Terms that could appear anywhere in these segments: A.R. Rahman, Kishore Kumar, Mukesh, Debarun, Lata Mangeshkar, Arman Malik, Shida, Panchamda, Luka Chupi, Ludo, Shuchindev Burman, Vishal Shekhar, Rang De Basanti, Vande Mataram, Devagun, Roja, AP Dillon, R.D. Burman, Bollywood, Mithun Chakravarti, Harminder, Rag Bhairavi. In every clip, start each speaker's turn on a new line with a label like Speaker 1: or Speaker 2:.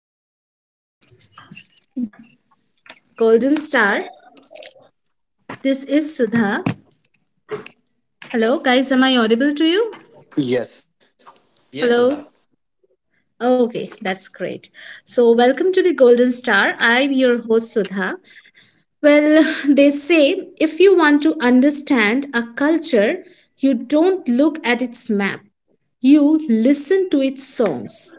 Speaker 1: Welcome to the Golden Star. This is Sudha. Hello, guys. Am I audible to you?
Speaker 2: Yes.
Speaker 3: Yes,
Speaker 1: Hello.
Speaker 3: Sudha.
Speaker 1: Okay, that's great. So, welcome to the Golden Star. I'm your host Sudha. Well, they say if you want to understand a culture, you don't look at its map, you listen to its songs.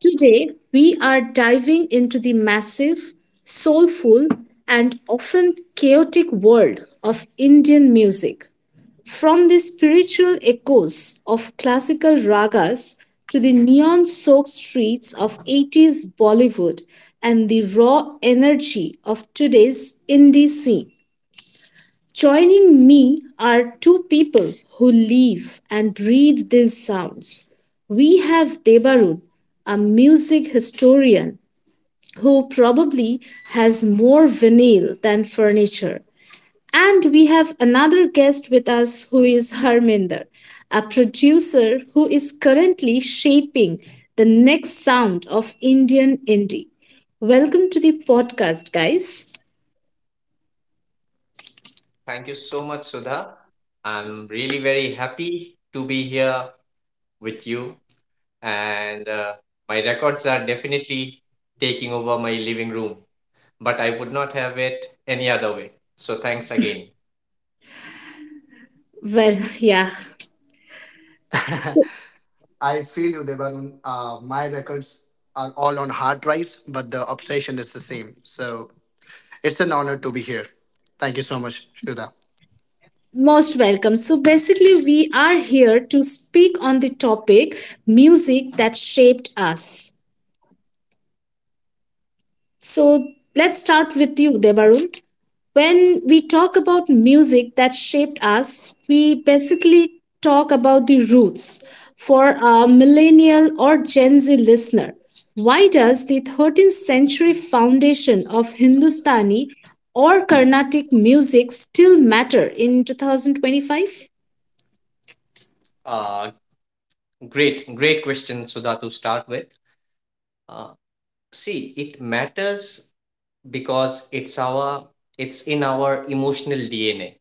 Speaker 1: Today, we are diving into the massive, soulful, and often chaotic world of Indian music. From the spiritual echoes of classical ragas to the neon soaked streets of 80s Bollywood and the raw energy of today's indie scene. Joining me are two people who live and breathe these sounds. We have Debarun, a music historian who probably has more vinyl than furniture. And we have another guest with us who is Harminder, a producer who is currently shaping the next sound of Indian indie. Welcome to the podcast, guys.
Speaker 3: Thank you so much, Sudha. I'm really very happy to be here with you, and my records are definitely taking over my living room, but I would not have it any other way. So thanks again.
Speaker 1: Well, yeah. So,
Speaker 2: I feel you, Devagun. My records are all on hard drives, but the obsession is the same. So it's an honor to be here. Thank you so much, Shruda.
Speaker 1: most welcome. So, basically, we are here to speak on the topic music that shaped us. So let's start with you, Debarun. When we talk about music that shaped us, we basically talk about the roots. For a millennial or Gen Z listener, why does the 13th century foundation of Hindustani or Carnatic music still matter in 2025?
Speaker 3: Uh, great question, Sudha, to start with. Uh, See, it matters because it's in our emotional DNA.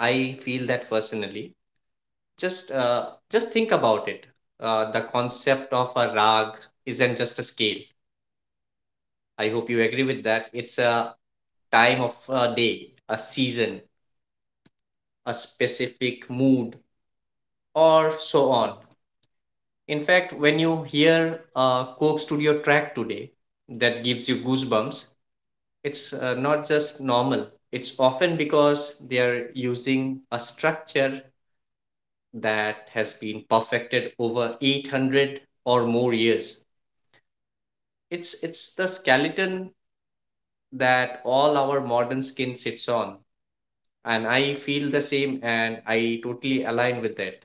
Speaker 3: I feel that personally. Just uh, just think about it. The concept of a rag isn't just a scale. I hope you agree with that. It's a time of a day, a season, a specific mood, or so on. In fact, when you hear a Coke Studio track today that gives you goosebumps, it's not just normal. It's often because they are using a structure that has been perfected over 800 or more years. It's the skeleton that all our modern skin sits on, and I feel the same, and I totally align with that.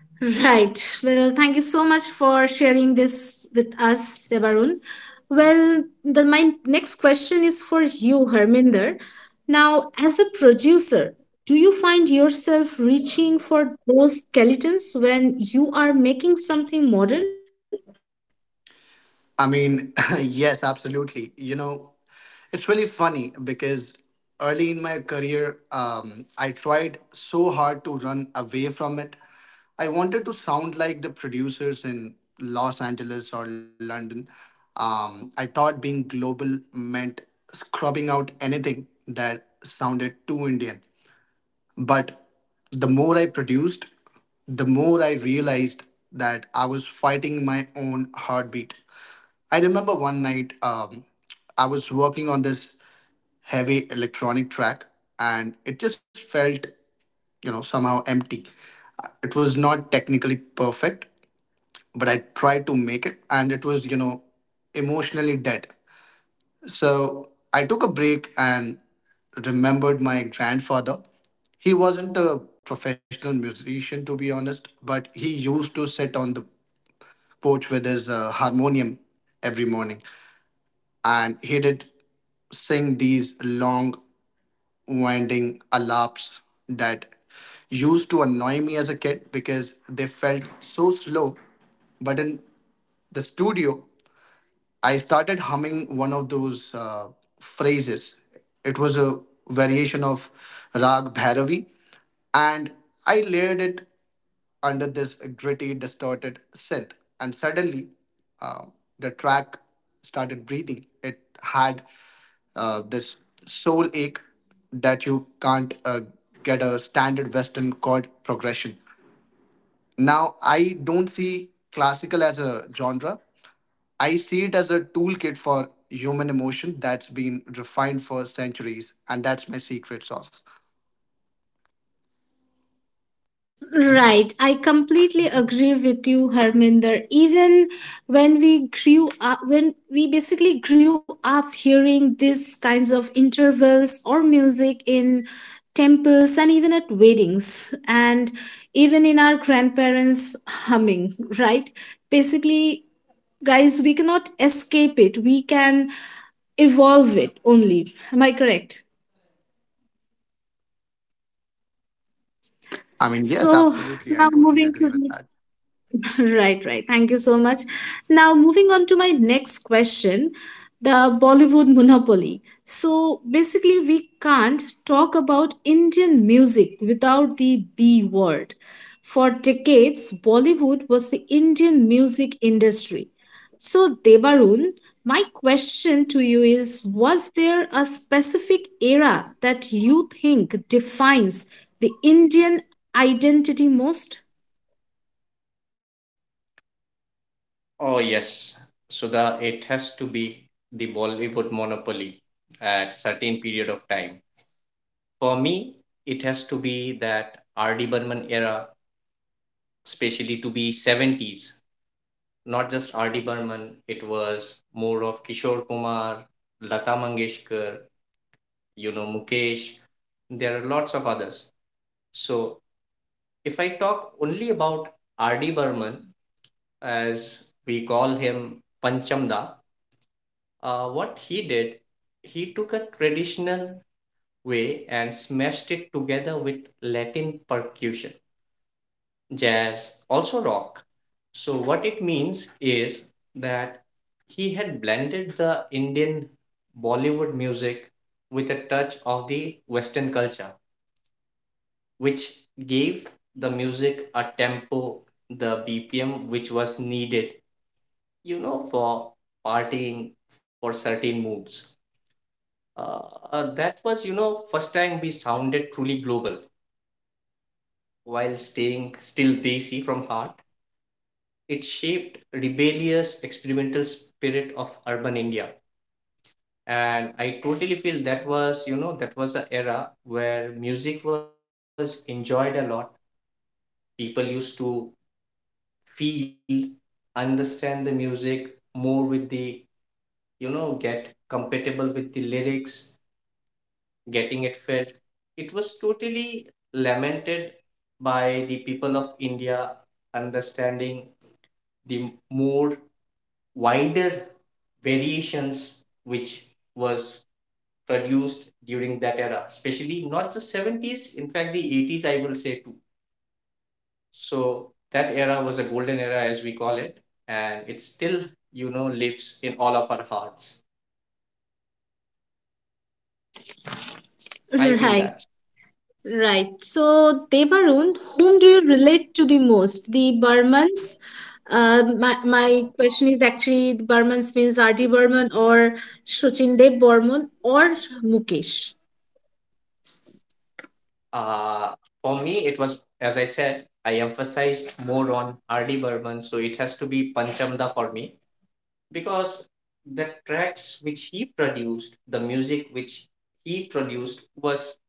Speaker 1: Right. Well, thank you so much for sharing this with us, Debarun. My next question is for you, Harminder. Now, as a producer, do you find yourself reaching for those skeletons when you are making something modern?
Speaker 2: I mean, yes, absolutely. You know, it's really funny because early in my career, I tried so hard to run away from it. I wanted to sound like the producers in Los Angeles or London. I thought being global meant scrubbing out anything that sounded too Indian. But the more I produced, the more I realized that I was fighting my own heartbeat. I remember one night I was working on this heavy electronic track, and it just felt, you know, somehow empty. It was not technically perfect, but I tried to make it, and it was, you know, emotionally dead. So I took a break and remembered my grandfather. He wasn't a professional musician, to be honest, but he used to sit on the porch with his harmonium every morning. And he did sing these long, winding alaps that used to annoy me as a kid because they felt so slow. But in the studio, I started humming one of those phrases. It was a variation of Rag Bhairavi, and I layered it under this gritty, distorted synth. And suddenly, uh, the track started breathing. It had this soul ache that you can't get a standard Western chord progression. Now, I don't see classical as a genre. I see it as a toolkit for human emotion that's been refined for centuries, and that's my secret sauce.
Speaker 1: Right. I completely agree with you, Harminder. Even when we grew up, when we basically grew up hearing these kinds of intervals or music in temples and even at weddings, and even in our grandparents humming, right? Basically, guys, we cannot escape it. We can evolve it only. Am I correct?
Speaker 2: I mean, yes,
Speaker 1: So
Speaker 2: absolutely. I
Speaker 1: now
Speaker 2: totally agree
Speaker 1: moving
Speaker 2: with
Speaker 1: to
Speaker 2: that.
Speaker 1: the Right. Thank you so much. Now, moving on to my next question the Bollywood monopoly. So, basically, we can't talk about Indian music without the B word. For decades, Bollywood was the Indian music industry. So, Debarun, my question to you is was there a specific era that you think defines the Indian identity most?
Speaker 3: Oh yes, so the it has to be the Bollywood monopoly at certain period of time. For me, it has to be that R.D. Burman era, especially to be 70s. Not just R.D. Burman, it was more of Kishore Kumar, Lata Mangeshkar, Mukesh. There are lots of others. So, if I talk only about R.D. Burman, as we call him Panchamda, what he did, he took a traditional way and smashed it together with Latin percussion, jazz, also rock. So, what it means is that he had blended the Indian Bollywood music with a touch of the Western culture, which gave the music a tempo, the BPM which was needed, for partying, for certain moods. Uh, that was, first time we sounded truly global while staying still Desi from heart. It shaped rebellious experimental spirit of urban India. And I totally feel that was an era where music was enjoyed a lot. People used to feel, understand the music more with the, get compatible with the lyrics, getting it felt. It was totally lamented by the people of India, understanding the more wider variations which was produced during that era, especially not just 70s, in fact the 80s, I will say, too. So that era was a golden era, as we call it, and it still, lives in all of our hearts. I feel
Speaker 1: Right.
Speaker 3: that.
Speaker 1: Right. So, Devarun, whom do you relate to the most? The Burmans? My question is actually the Burmans means R.D. Burman or Shuchindev Burman or Mukesh.
Speaker 3: Uh, for me, it was, as I said, I emphasized more on R.D. Burman, so it has to be Panchamda for me, because the tracks which he produced, the music which he produced was,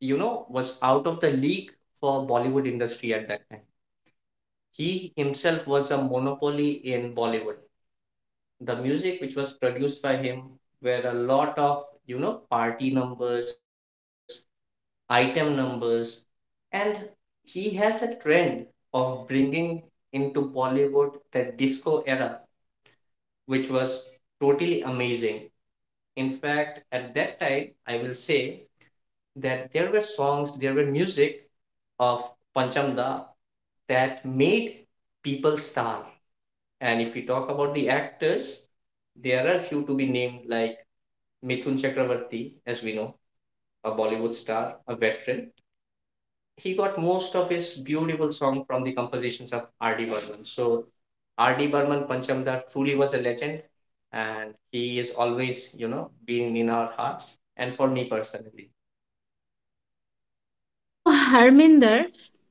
Speaker 3: you know, was out of the league for Bollywood industry at that time. He himself was a monopoly in Bollywood. The music which was produced by him were a lot of party numbers, item numbers. And he has a trend of bringing into Bollywood the disco era, which was totally amazing. In fact, at that time, I will say that there were songs, there were music of Panchamda that made people star. And if we talk about the actors, there are few to be named, like Mithun Chakravarti, as we know, a Bollywood star, a veteran. He got most of his beautiful song from the compositions of R.D. Burman. So R.D. Burman Panchamda truly was a legend, and he is always, being in our hearts, and for me personally.
Speaker 1: So, Harminder,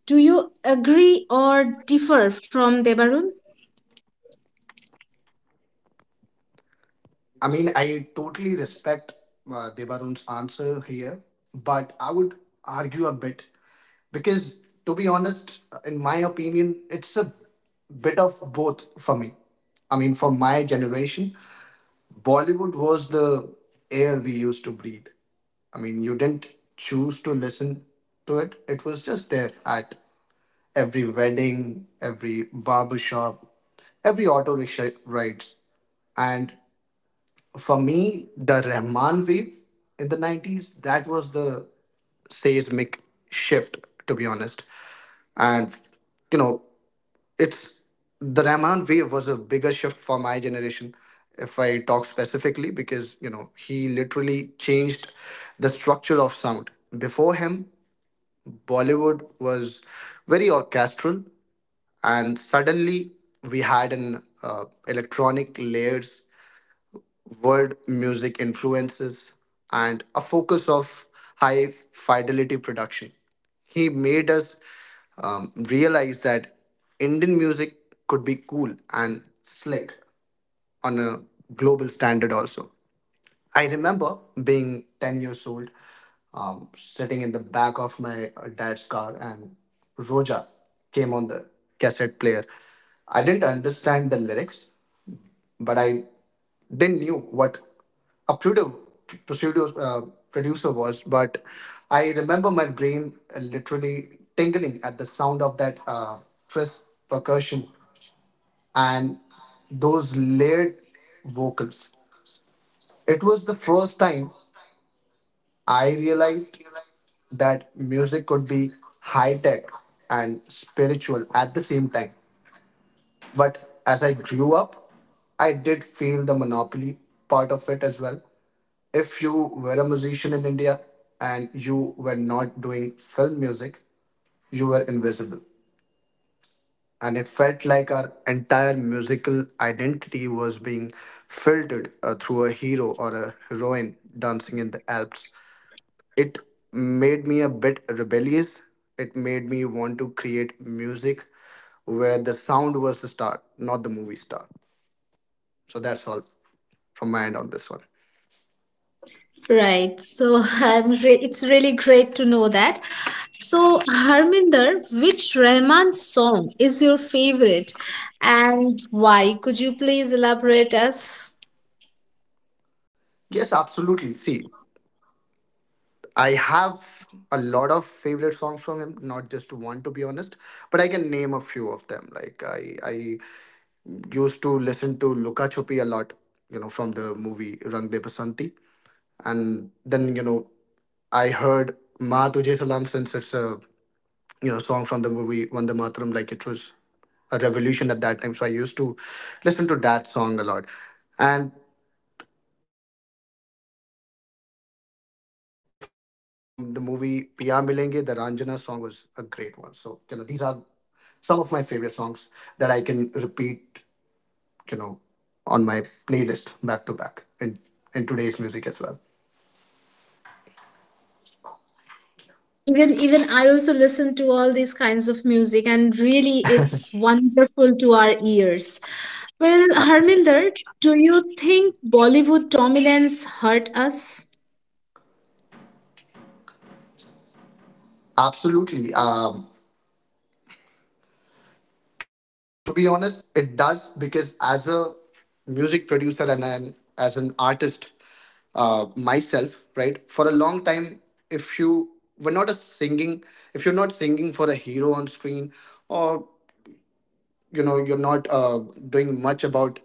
Speaker 1: do you agree or differ from Devarun?
Speaker 2: I mean, I totally respect Debarun's answer here, but I would argue a bit because, to be honest, in my opinion, it's a bit of both for me. I mean, for my generation, Bollywood was the air we used to breathe. I mean, you didn't choose to listen to it. It was just there at every wedding, every barber shop, every auto rickshaw rides. And for me, the Rahman wave in the 90s, that was the seismic shift, to be honest. And, you know, it's the Rahman wave was a bigger shift for my generation, if I talk specifically, because you know he literally changed the structure of sound. Before him, Bollywood was very orchestral, and suddenly we had an electronic layers, world music influences, and a focus of high fidelity production. He made us realize that Indian music could be cool and slick on a global standard also. I remember being 10 years old, sitting in the back of my dad's car, and Roja came on the cassette player. I didn't understand the lyrics, but I didn't knew what a pseudo producer was. But I remember my brain literally tingling at the sound of that twist percussion and those layered vocals. It was the first time I realized that music could be high tech and spiritual at the same time. But as I grew up, I did feel the monopoly part of it as well. If you were a musician in India and you were not doing film music, you were invisible. And it felt like our entire musical identity was being filtered through a hero or a heroine dancing in the Alps. It made me a bit rebellious. It made me want to create music where the sound was the star, not the movie star. So that's all from my end on this one.
Speaker 1: Right. It's really great to know that. So Harminder, which Rahman song is your favorite and why? Could you please elaborate us?
Speaker 2: Yes, absolutely. See, I have a lot of favorite songs from him, not just one, to be honest, but I can name a few of them. Like I used to listen to Luka Chupi a lot, you know, from the movie Rang De Basanti. And then, you know, I heard Ma Tujhe Salam, since it's a you know song from the movie Vande Mataram, like it was a revolution at that time. So I used to listen to that song a lot. And if I talk about a newer sound from the movie Piya Milenge, the Ranjana song was a great one. So, you know, these are some of my favorite songs that I can repeat, you know, on my playlist back to back in today's music as well.
Speaker 1: Right. Even I also listen to all these kinds of music and really it's wonderful to our ears. Well,
Speaker 2: Absolutely.
Speaker 1: Harminder, do you think Bollywood dominance hurt us?
Speaker 2: Absolutely. To be honest, it does because as a music producer and as an artist myself, right, for a long time, if you were not a singing, if you're not singing for a hero on screen, or you know you're not doing much about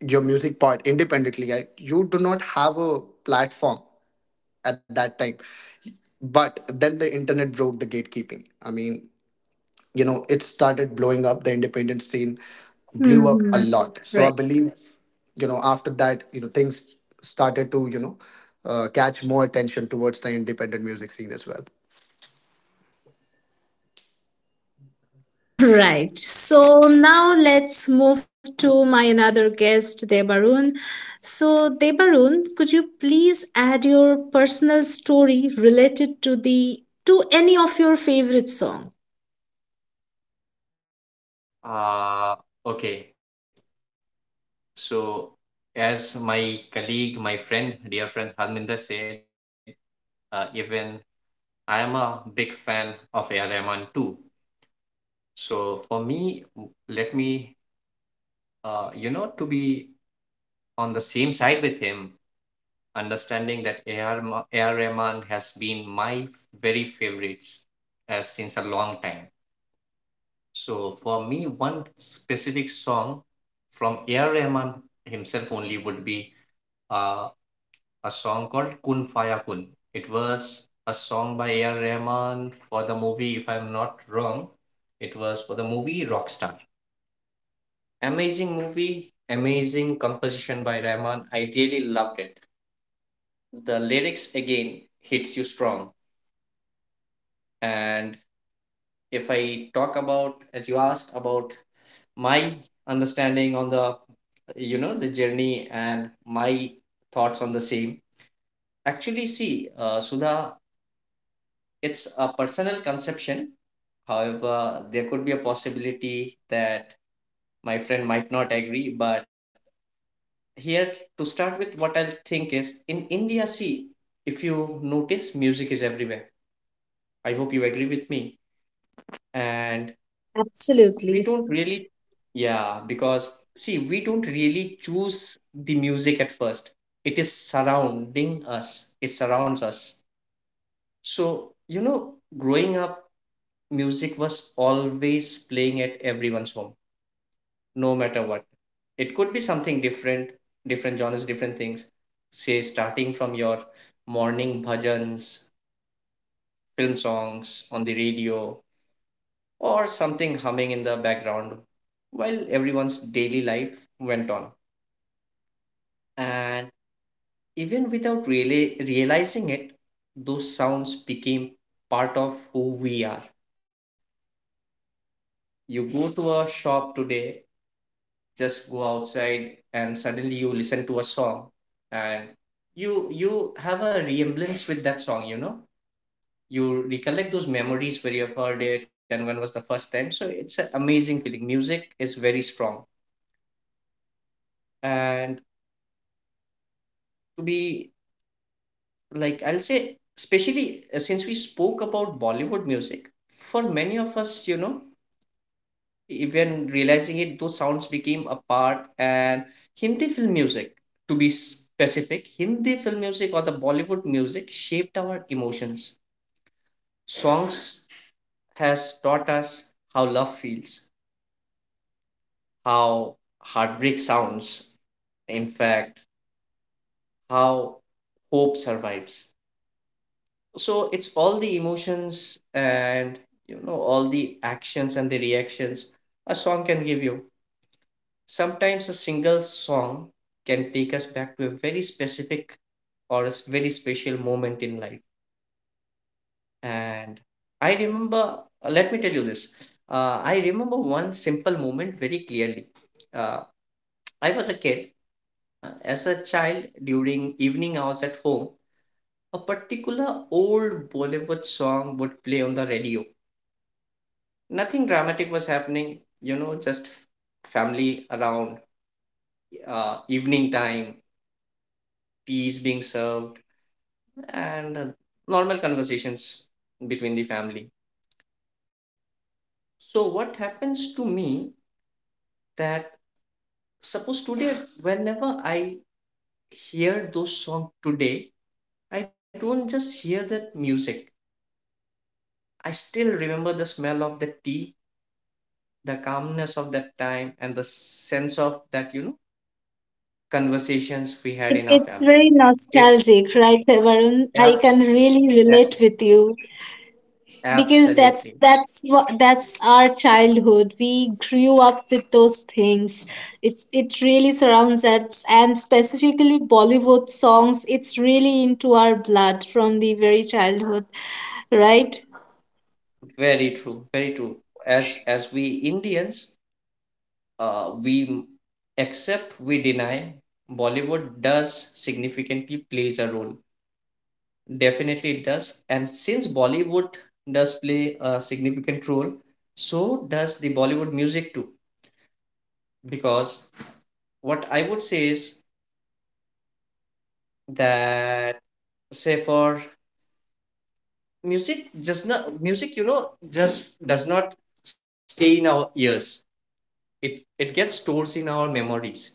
Speaker 2: your music part independently, you do not have a platform at that time. But then the internet broke the gatekeeping. I mean, you know it started blowing up the independent scene, blew up a
Speaker 1: Hmm.
Speaker 2: lot. So I
Speaker 1: Right.
Speaker 2: believe you know after that you know things started to you know catch more attention towards the independent music scene as well.
Speaker 1: Right. So now let's move to my another guest, Debarun. So, Debarun, could you please add your personal story related to the to any of your favorite song?
Speaker 3: Uh, okay, so as my colleague, my friend, dear friend Harminder said, even I am a big fan of A.R. Rahman too. So for me, let me, to be on the same side with him, understanding that AR Rahman has been my very favorites since a long time. So for me, one specific song from AR Rahman himself only would be uh, a song called Kun Faya Kun. It was a song by AR Rahman for the movie, if I'm not wrong, it was for the movie Rockstar. Amazing movie, amazing composition by Rahman. I really loved it. The lyrics again hits you strong. And if I talk about, as you asked, about my understanding on the journey and my thoughts on the same. Actually, see, Sudha, it's a personal conception. However, there could be a possibility that my friend might not agree, but here, to start with, what I think is, in India, see, if you notice, music is everywhere. I hope you agree with me. And we
Speaker 1: Absolutely.
Speaker 3: don't really, yeah, because see, we don't really choose the music at first. It is surrounding us, it surrounds us. So, you know, growing up, music was always playing at everyone's home, no matter what. It could be something different, different genres, different things. Say, starting from your morning bhajans, film songs on the radio, or something humming in the background while everyone's daily life went on. And even without really realizing it, those sounds became part of who we are. You go to a shop today, just go outside, and suddenly you listen to a song, and you have a remembrance with that song. You know, you recollect those memories where you've heard it and when was the first time. So it's an amazing feeling. Music is very strong. And to be, like, I'll say, especially, since we spoke about Bollywood music for many of us, even realizing it, those sounds became a part. And Hindi film music, to be specific, Hindi film music or the Bollywood music shaped our emotions. Songs has taught us how love feels, how heartbreak sounds, in fact, how hope survives. So it's all the emotions, and all the actions and the reactions a song can give you. Sometimes a single song can take us back to a very specific or very special moment in life. And I remember, let me tell you this. I remember one simple moment very clearly. uh, I was a kid. As a child, during evening hours at home, a particular old Bollywood song would play on the radio. Nothing dramatic was happening, just family around, evening time, teas being served, and normal conversations between the family. So, what happens to me that suppose today, whenever I hear those songs today, I don't just hear that music. I still remember the smell of the tea, the calmness of that time, and the sense of that, you know, conversations we
Speaker 1: Yeah,
Speaker 3: had in
Speaker 1: it,
Speaker 3: our
Speaker 1: it's
Speaker 3: family.
Speaker 1: very
Speaker 3: It
Speaker 1: nostalgic, right, Debarun? I can
Speaker 3: abs-
Speaker 1: really
Speaker 3: a-
Speaker 1: relate with you. Because that's
Speaker 3: absolutely
Speaker 1: that's what that's our childhood, we grew up with those things. It really surrounds us, and specifically Bollywood songs, it's really into our blood from the very childhood, right?
Speaker 3: very true, very true. As we Indians, we accept we deny, Bollywood does significantly plays a role. Definitely it does. And since Bollywood does play a significant role, so does the Bollywood music too. Because what I would say is that, say, for music, just not music, just does not stay in our ears. It gets stored in our memories.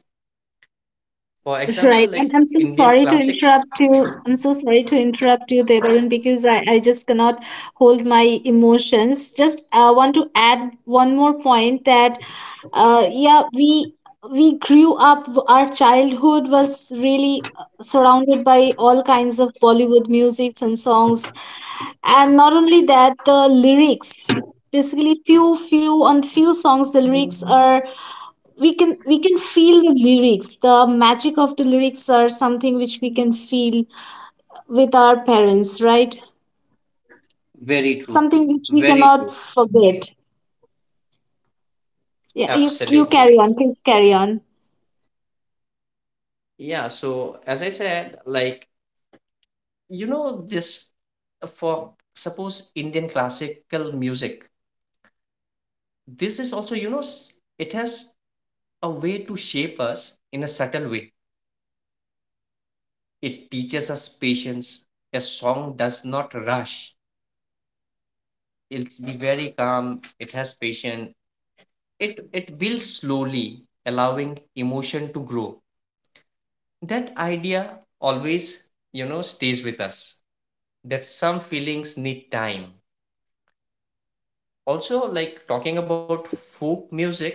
Speaker 3: For example,
Speaker 1: Right. And
Speaker 3: like
Speaker 1: I'm so
Speaker 3: Indian
Speaker 1: sorry to
Speaker 3: classic.
Speaker 1: interrupt you. I'm so sorry to interrupt you, Devaran, because I just cannot hold my emotions. Just want to add one more point that, yeah, we grew up, our childhood was really surrounded by all kinds of Bollywood musics and songs, and not only that the lyrics, basically few few on few songs the lyrics are, we can feel the lyrics, the magic of the lyrics are something which we can feel with our parents, right?
Speaker 3: Very true.
Speaker 1: Something which we
Speaker 3: Very
Speaker 1: cannot
Speaker 3: true.
Speaker 1: forget. Yeah, you carry
Speaker 3: Absolutely.
Speaker 1: on, please carry on.
Speaker 3: Yeah. So as I said, like, you know, this, for suppose Indian classical music, this is also, you know, it has a way to shape us in a subtle way. It teaches us patience. A song does not rush. It'll be very calm. It has patience. It builds slowly, allowing emotion to grow. That idea always, you know, stays with us, that some feelings need time. Also, like talking about folk music,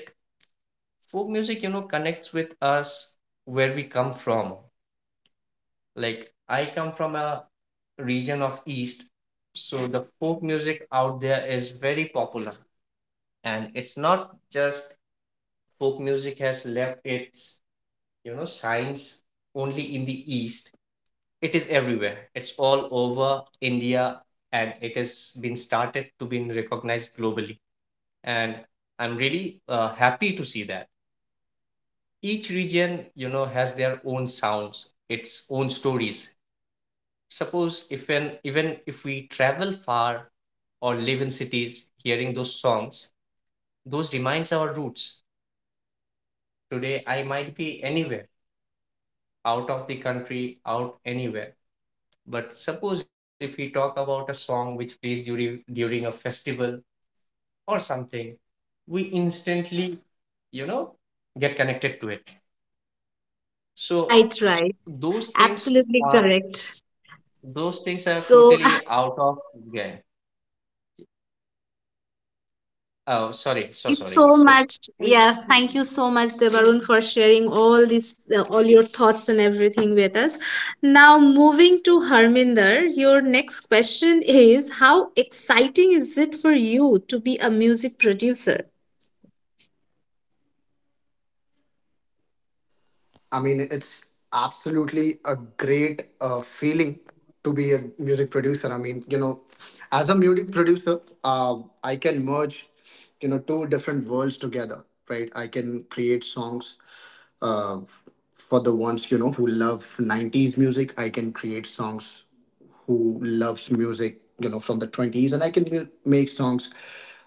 Speaker 3: you know, connects with us where we come from. Like, I come from a region of East, so the folk music out there is very popular. And it's not just folk music has left its, you know, signs only in the East, it is everywhere. It's all over India, and it has been started to be recognized globally. And I'm really happy to see that each region, you know, has their own sounds, its own stories. Suppose if an even if we travel far or live in cities, hearing those songs, those reminds our roots. Today I might be anywhere, out of the country, out anywhere. But suppose if we talk about a song which plays during a festival or something, we instantly, you know, get connected to it. So.
Speaker 1: Right.
Speaker 3: Those things
Speaker 1: Absolutely
Speaker 3: are
Speaker 1: correct.
Speaker 3: those things are
Speaker 1: So
Speaker 3: totally out of. Yeah. Oh,
Speaker 1: Well,
Speaker 3: sorry,
Speaker 1: thank
Speaker 3: so
Speaker 1: you
Speaker 3: sorry.
Speaker 1: so
Speaker 3: So.
Speaker 1: much. Yeah, thank you so much, Devarun, for sharing all these, all your thoughts and everything with us. Now, moving to Harminder, your next question is how exciting is it for you to be a music producer?
Speaker 2: I mean, it's absolutely a great feeling to be a music producer. I mean, you know, as a music producer, I can merge, you know, two different worlds together, right? I can create songs uh, f- for the ones, you know, who love 90s music. I can create songs who loves music, you know, from the 20s, and I can make songs,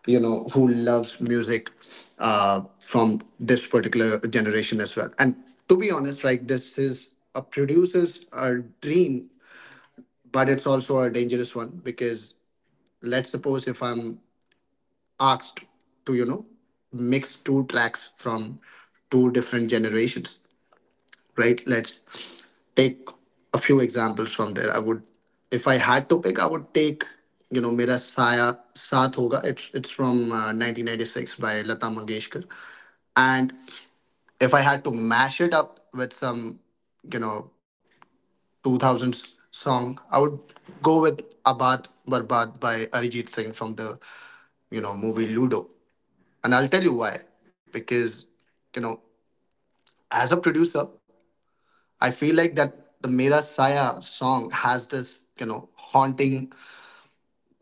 Speaker 2: you know, who loves music from this particular generation as well. And to be honest, like this is a producer's dream, but it's also a dangerous one because let's suppose if I'm asked to, you know, mix two tracks from two different generations, right? Let's take a few examples from there. I would, if I had to pick, I would take, you know, Mera Saya Saath Hoga. It's from 1996 by Lata Mangeshkar. And if I had to mash it up with some, you know, 2000s song, I would go with Abad Barbad by Arijit Singh from the, you know, movie Ludo. And I'll tell you why. Because, you know, as a producer, I feel like that the Mera Saya song has this, you know, haunting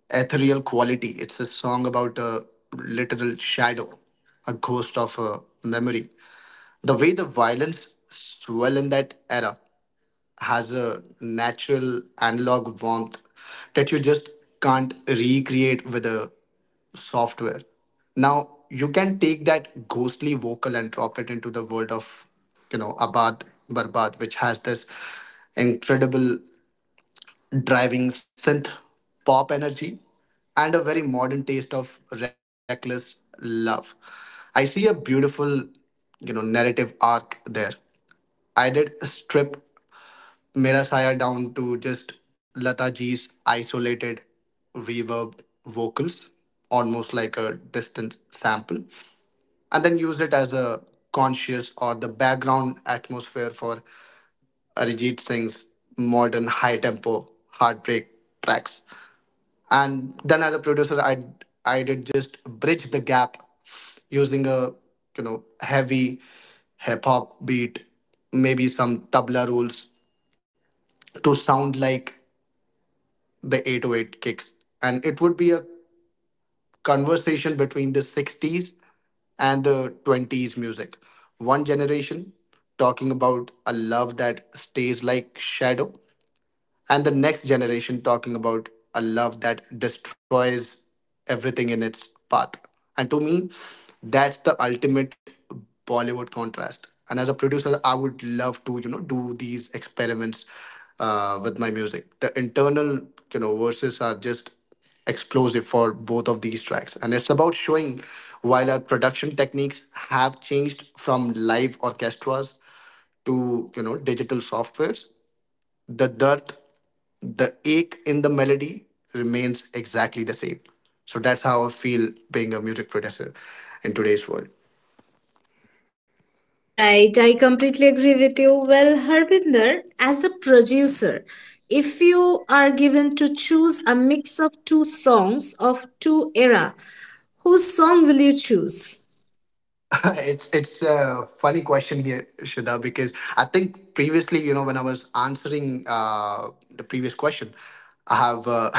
Speaker 2: ethereal quality. It's a song about a literal shadow, a ghost of a memory. The way the violence swell in that era has a natural analog warmth that you just can't recreate with a software. Now you can take that ghostly vocal and drop it into the world of, you know, Abad Barbad, which has this incredible driving synth pop energy and a very modern taste of reckless love. I see a beautiful, you know, narrative arc there. I did strip Mera Saya down to just Lata Ji's isolated reverb vocals, almost like a distant sample, and then use it as a conscious or the background atmosphere for Arijit Singh's modern high tempo heartbreak tracks. And then as a producer, I did just bridge the gap using a you know heavy hip hop beat, maybe some tabla rolls to sound like the 808 kicks. And it would be a conversation between the 60s and the 20s music. One generation talking about a love that stays like shadow, and the next generation talking about a love that destroys everything in its path. And to me, that's the ultimate Bollywood contrast. And as a producer, I would love to, you know, do these experiments with my music. The internal, you know, verses are just explosive for both of these tracks. And it's about showing while our production techniques have changed from live orchestras to you know digital softwares, the dearth, the ache in the melody remains exactly the same. So that's how I feel being a music producer in today's world.
Speaker 1: Right, I completely agree with you. Well, Harbinder, as a producer, if you are given to choose a mix of two songs of two era, whose song will you choose?
Speaker 2: It's a funny question here, Shida, because I think previously, you know, when I was answering the previous question, I have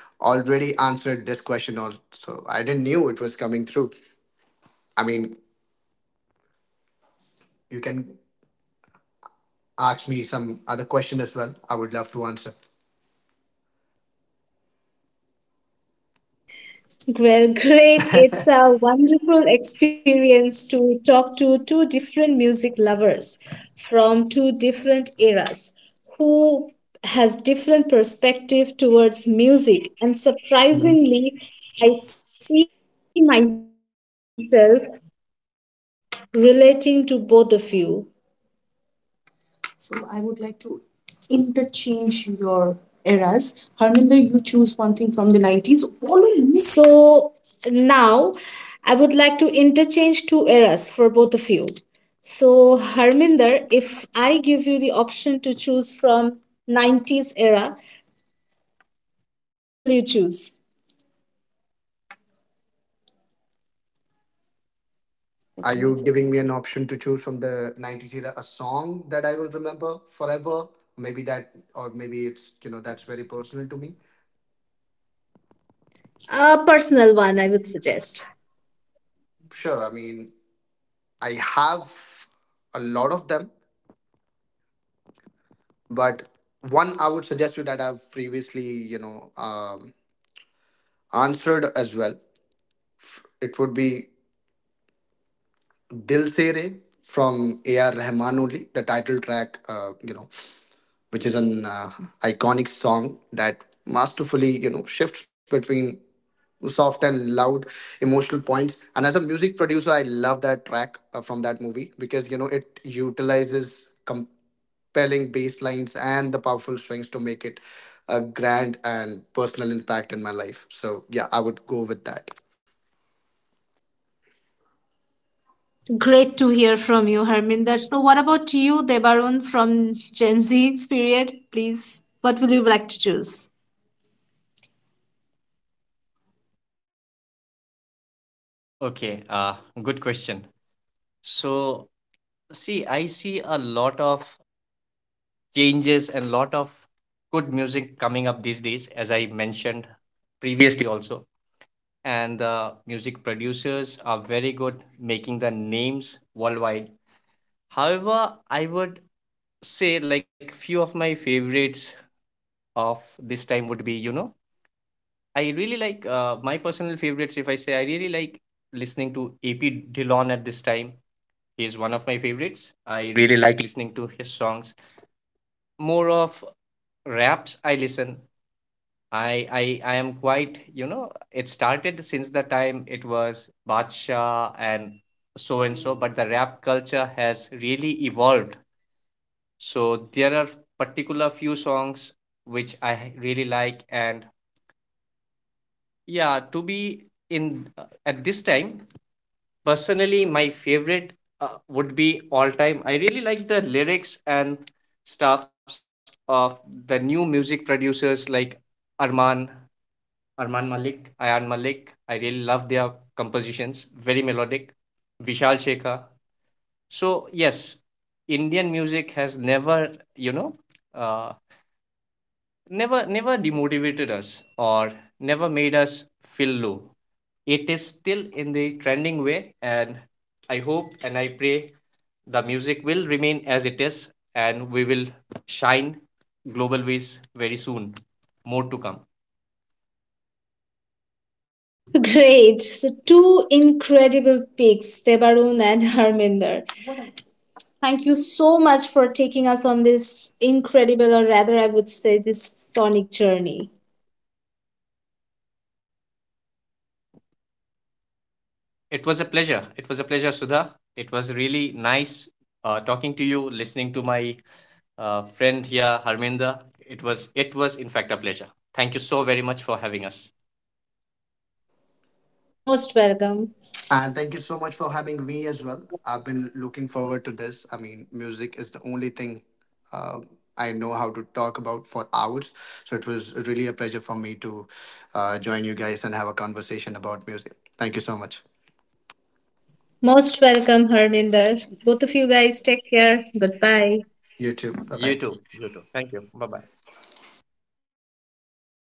Speaker 2: already answered this question also. I didn't knew it was coming through. I mean, you can ask me some other question as well. I would love to answer.
Speaker 1: Well, great. It's a wonderful experience to talk to two different music lovers from two different eras who has different perspective towards music, and surprisingly I see myself relating to both of you. So now I would like to interchange two eras for both of you. So, Harminder, if I give you the option to choose from 90s era, what will you choose?
Speaker 2: Are you giving me an option to choose from the 90s era a song that I will remember forever? Maybe that, or maybe it's, you know, that's very personal to me.
Speaker 1: A personal one, I would suggest.
Speaker 2: Sure, I mean, I have a lot of them, but one I would suggest you that I've previously, you know, answered as well. It would be Dil Se Re from A.R. Rahman only, the title track, you know, which is an iconic song that masterfully you know shifts between soft and loud emotional points, and as a music producer I love that track from that movie because you know it utilizes compelling bass lines and the powerful strings to make it a grand and personal impact in my life, so yeah I would go with that.
Speaker 1: Great to hear from you, Harminder. So, what about you, Debarun, from Gen Z's period? Please, what would you like to choose?
Speaker 3: Okay, good question. So, see, I see a lot of changes and lot of good music coming up these days, as I mentioned previously also. And the music producers are very good making the names worldwide. However, I would say like few of my favorites of this time would be, you know, I really like, my personal favorites. If I say I really like listening to AP Dillon at this time, he is one of my favorites. I really like listening to his songs. More of raps I listen. I am quite, it started since the time it was Badsha and so, but the rap culture has really evolved. So there are particular few songs which I really like, and yeah, to be in, at this time. Personally, my favorite, would be all time. I really like the lyrics and stuffs of the new music producers like Arman, Arman Malik, Ayan Malik. I really love their compositions, very melodic. Vishal Shekhar. So yes, Indian music has you know, uh, never demotivated us or never made us feel low. It is still in the trending way, and I hope and I pray the music will remain as it is, and we will shine global ways very soon. More to come.
Speaker 1: Great. So, two incredible picks, Debarun and Harminder. Thank you so much for taking us on this incredible, or rather, I would say, this sonic journey.
Speaker 3: It was a pleasure, it was a pleasure, Sudha. It was really nice, talking to you, listening to my friend here Harminda. It was in fact a pleasure. Thank you so very much for having us.
Speaker 1: Most welcome.
Speaker 2: And thank you so much for having me as well. I've been looking forward to this. I mean, music is the only thing uh, I know how to talk about for hours. So it was really a pleasure for me to join you guys and have a conversation about music. Thank you so much.
Speaker 1: Most welcome, Harminder. Both of you guys, take care. Goodbye.
Speaker 2: You too. Bye bye.
Speaker 3: You too. You too. Thank you. Bye bye.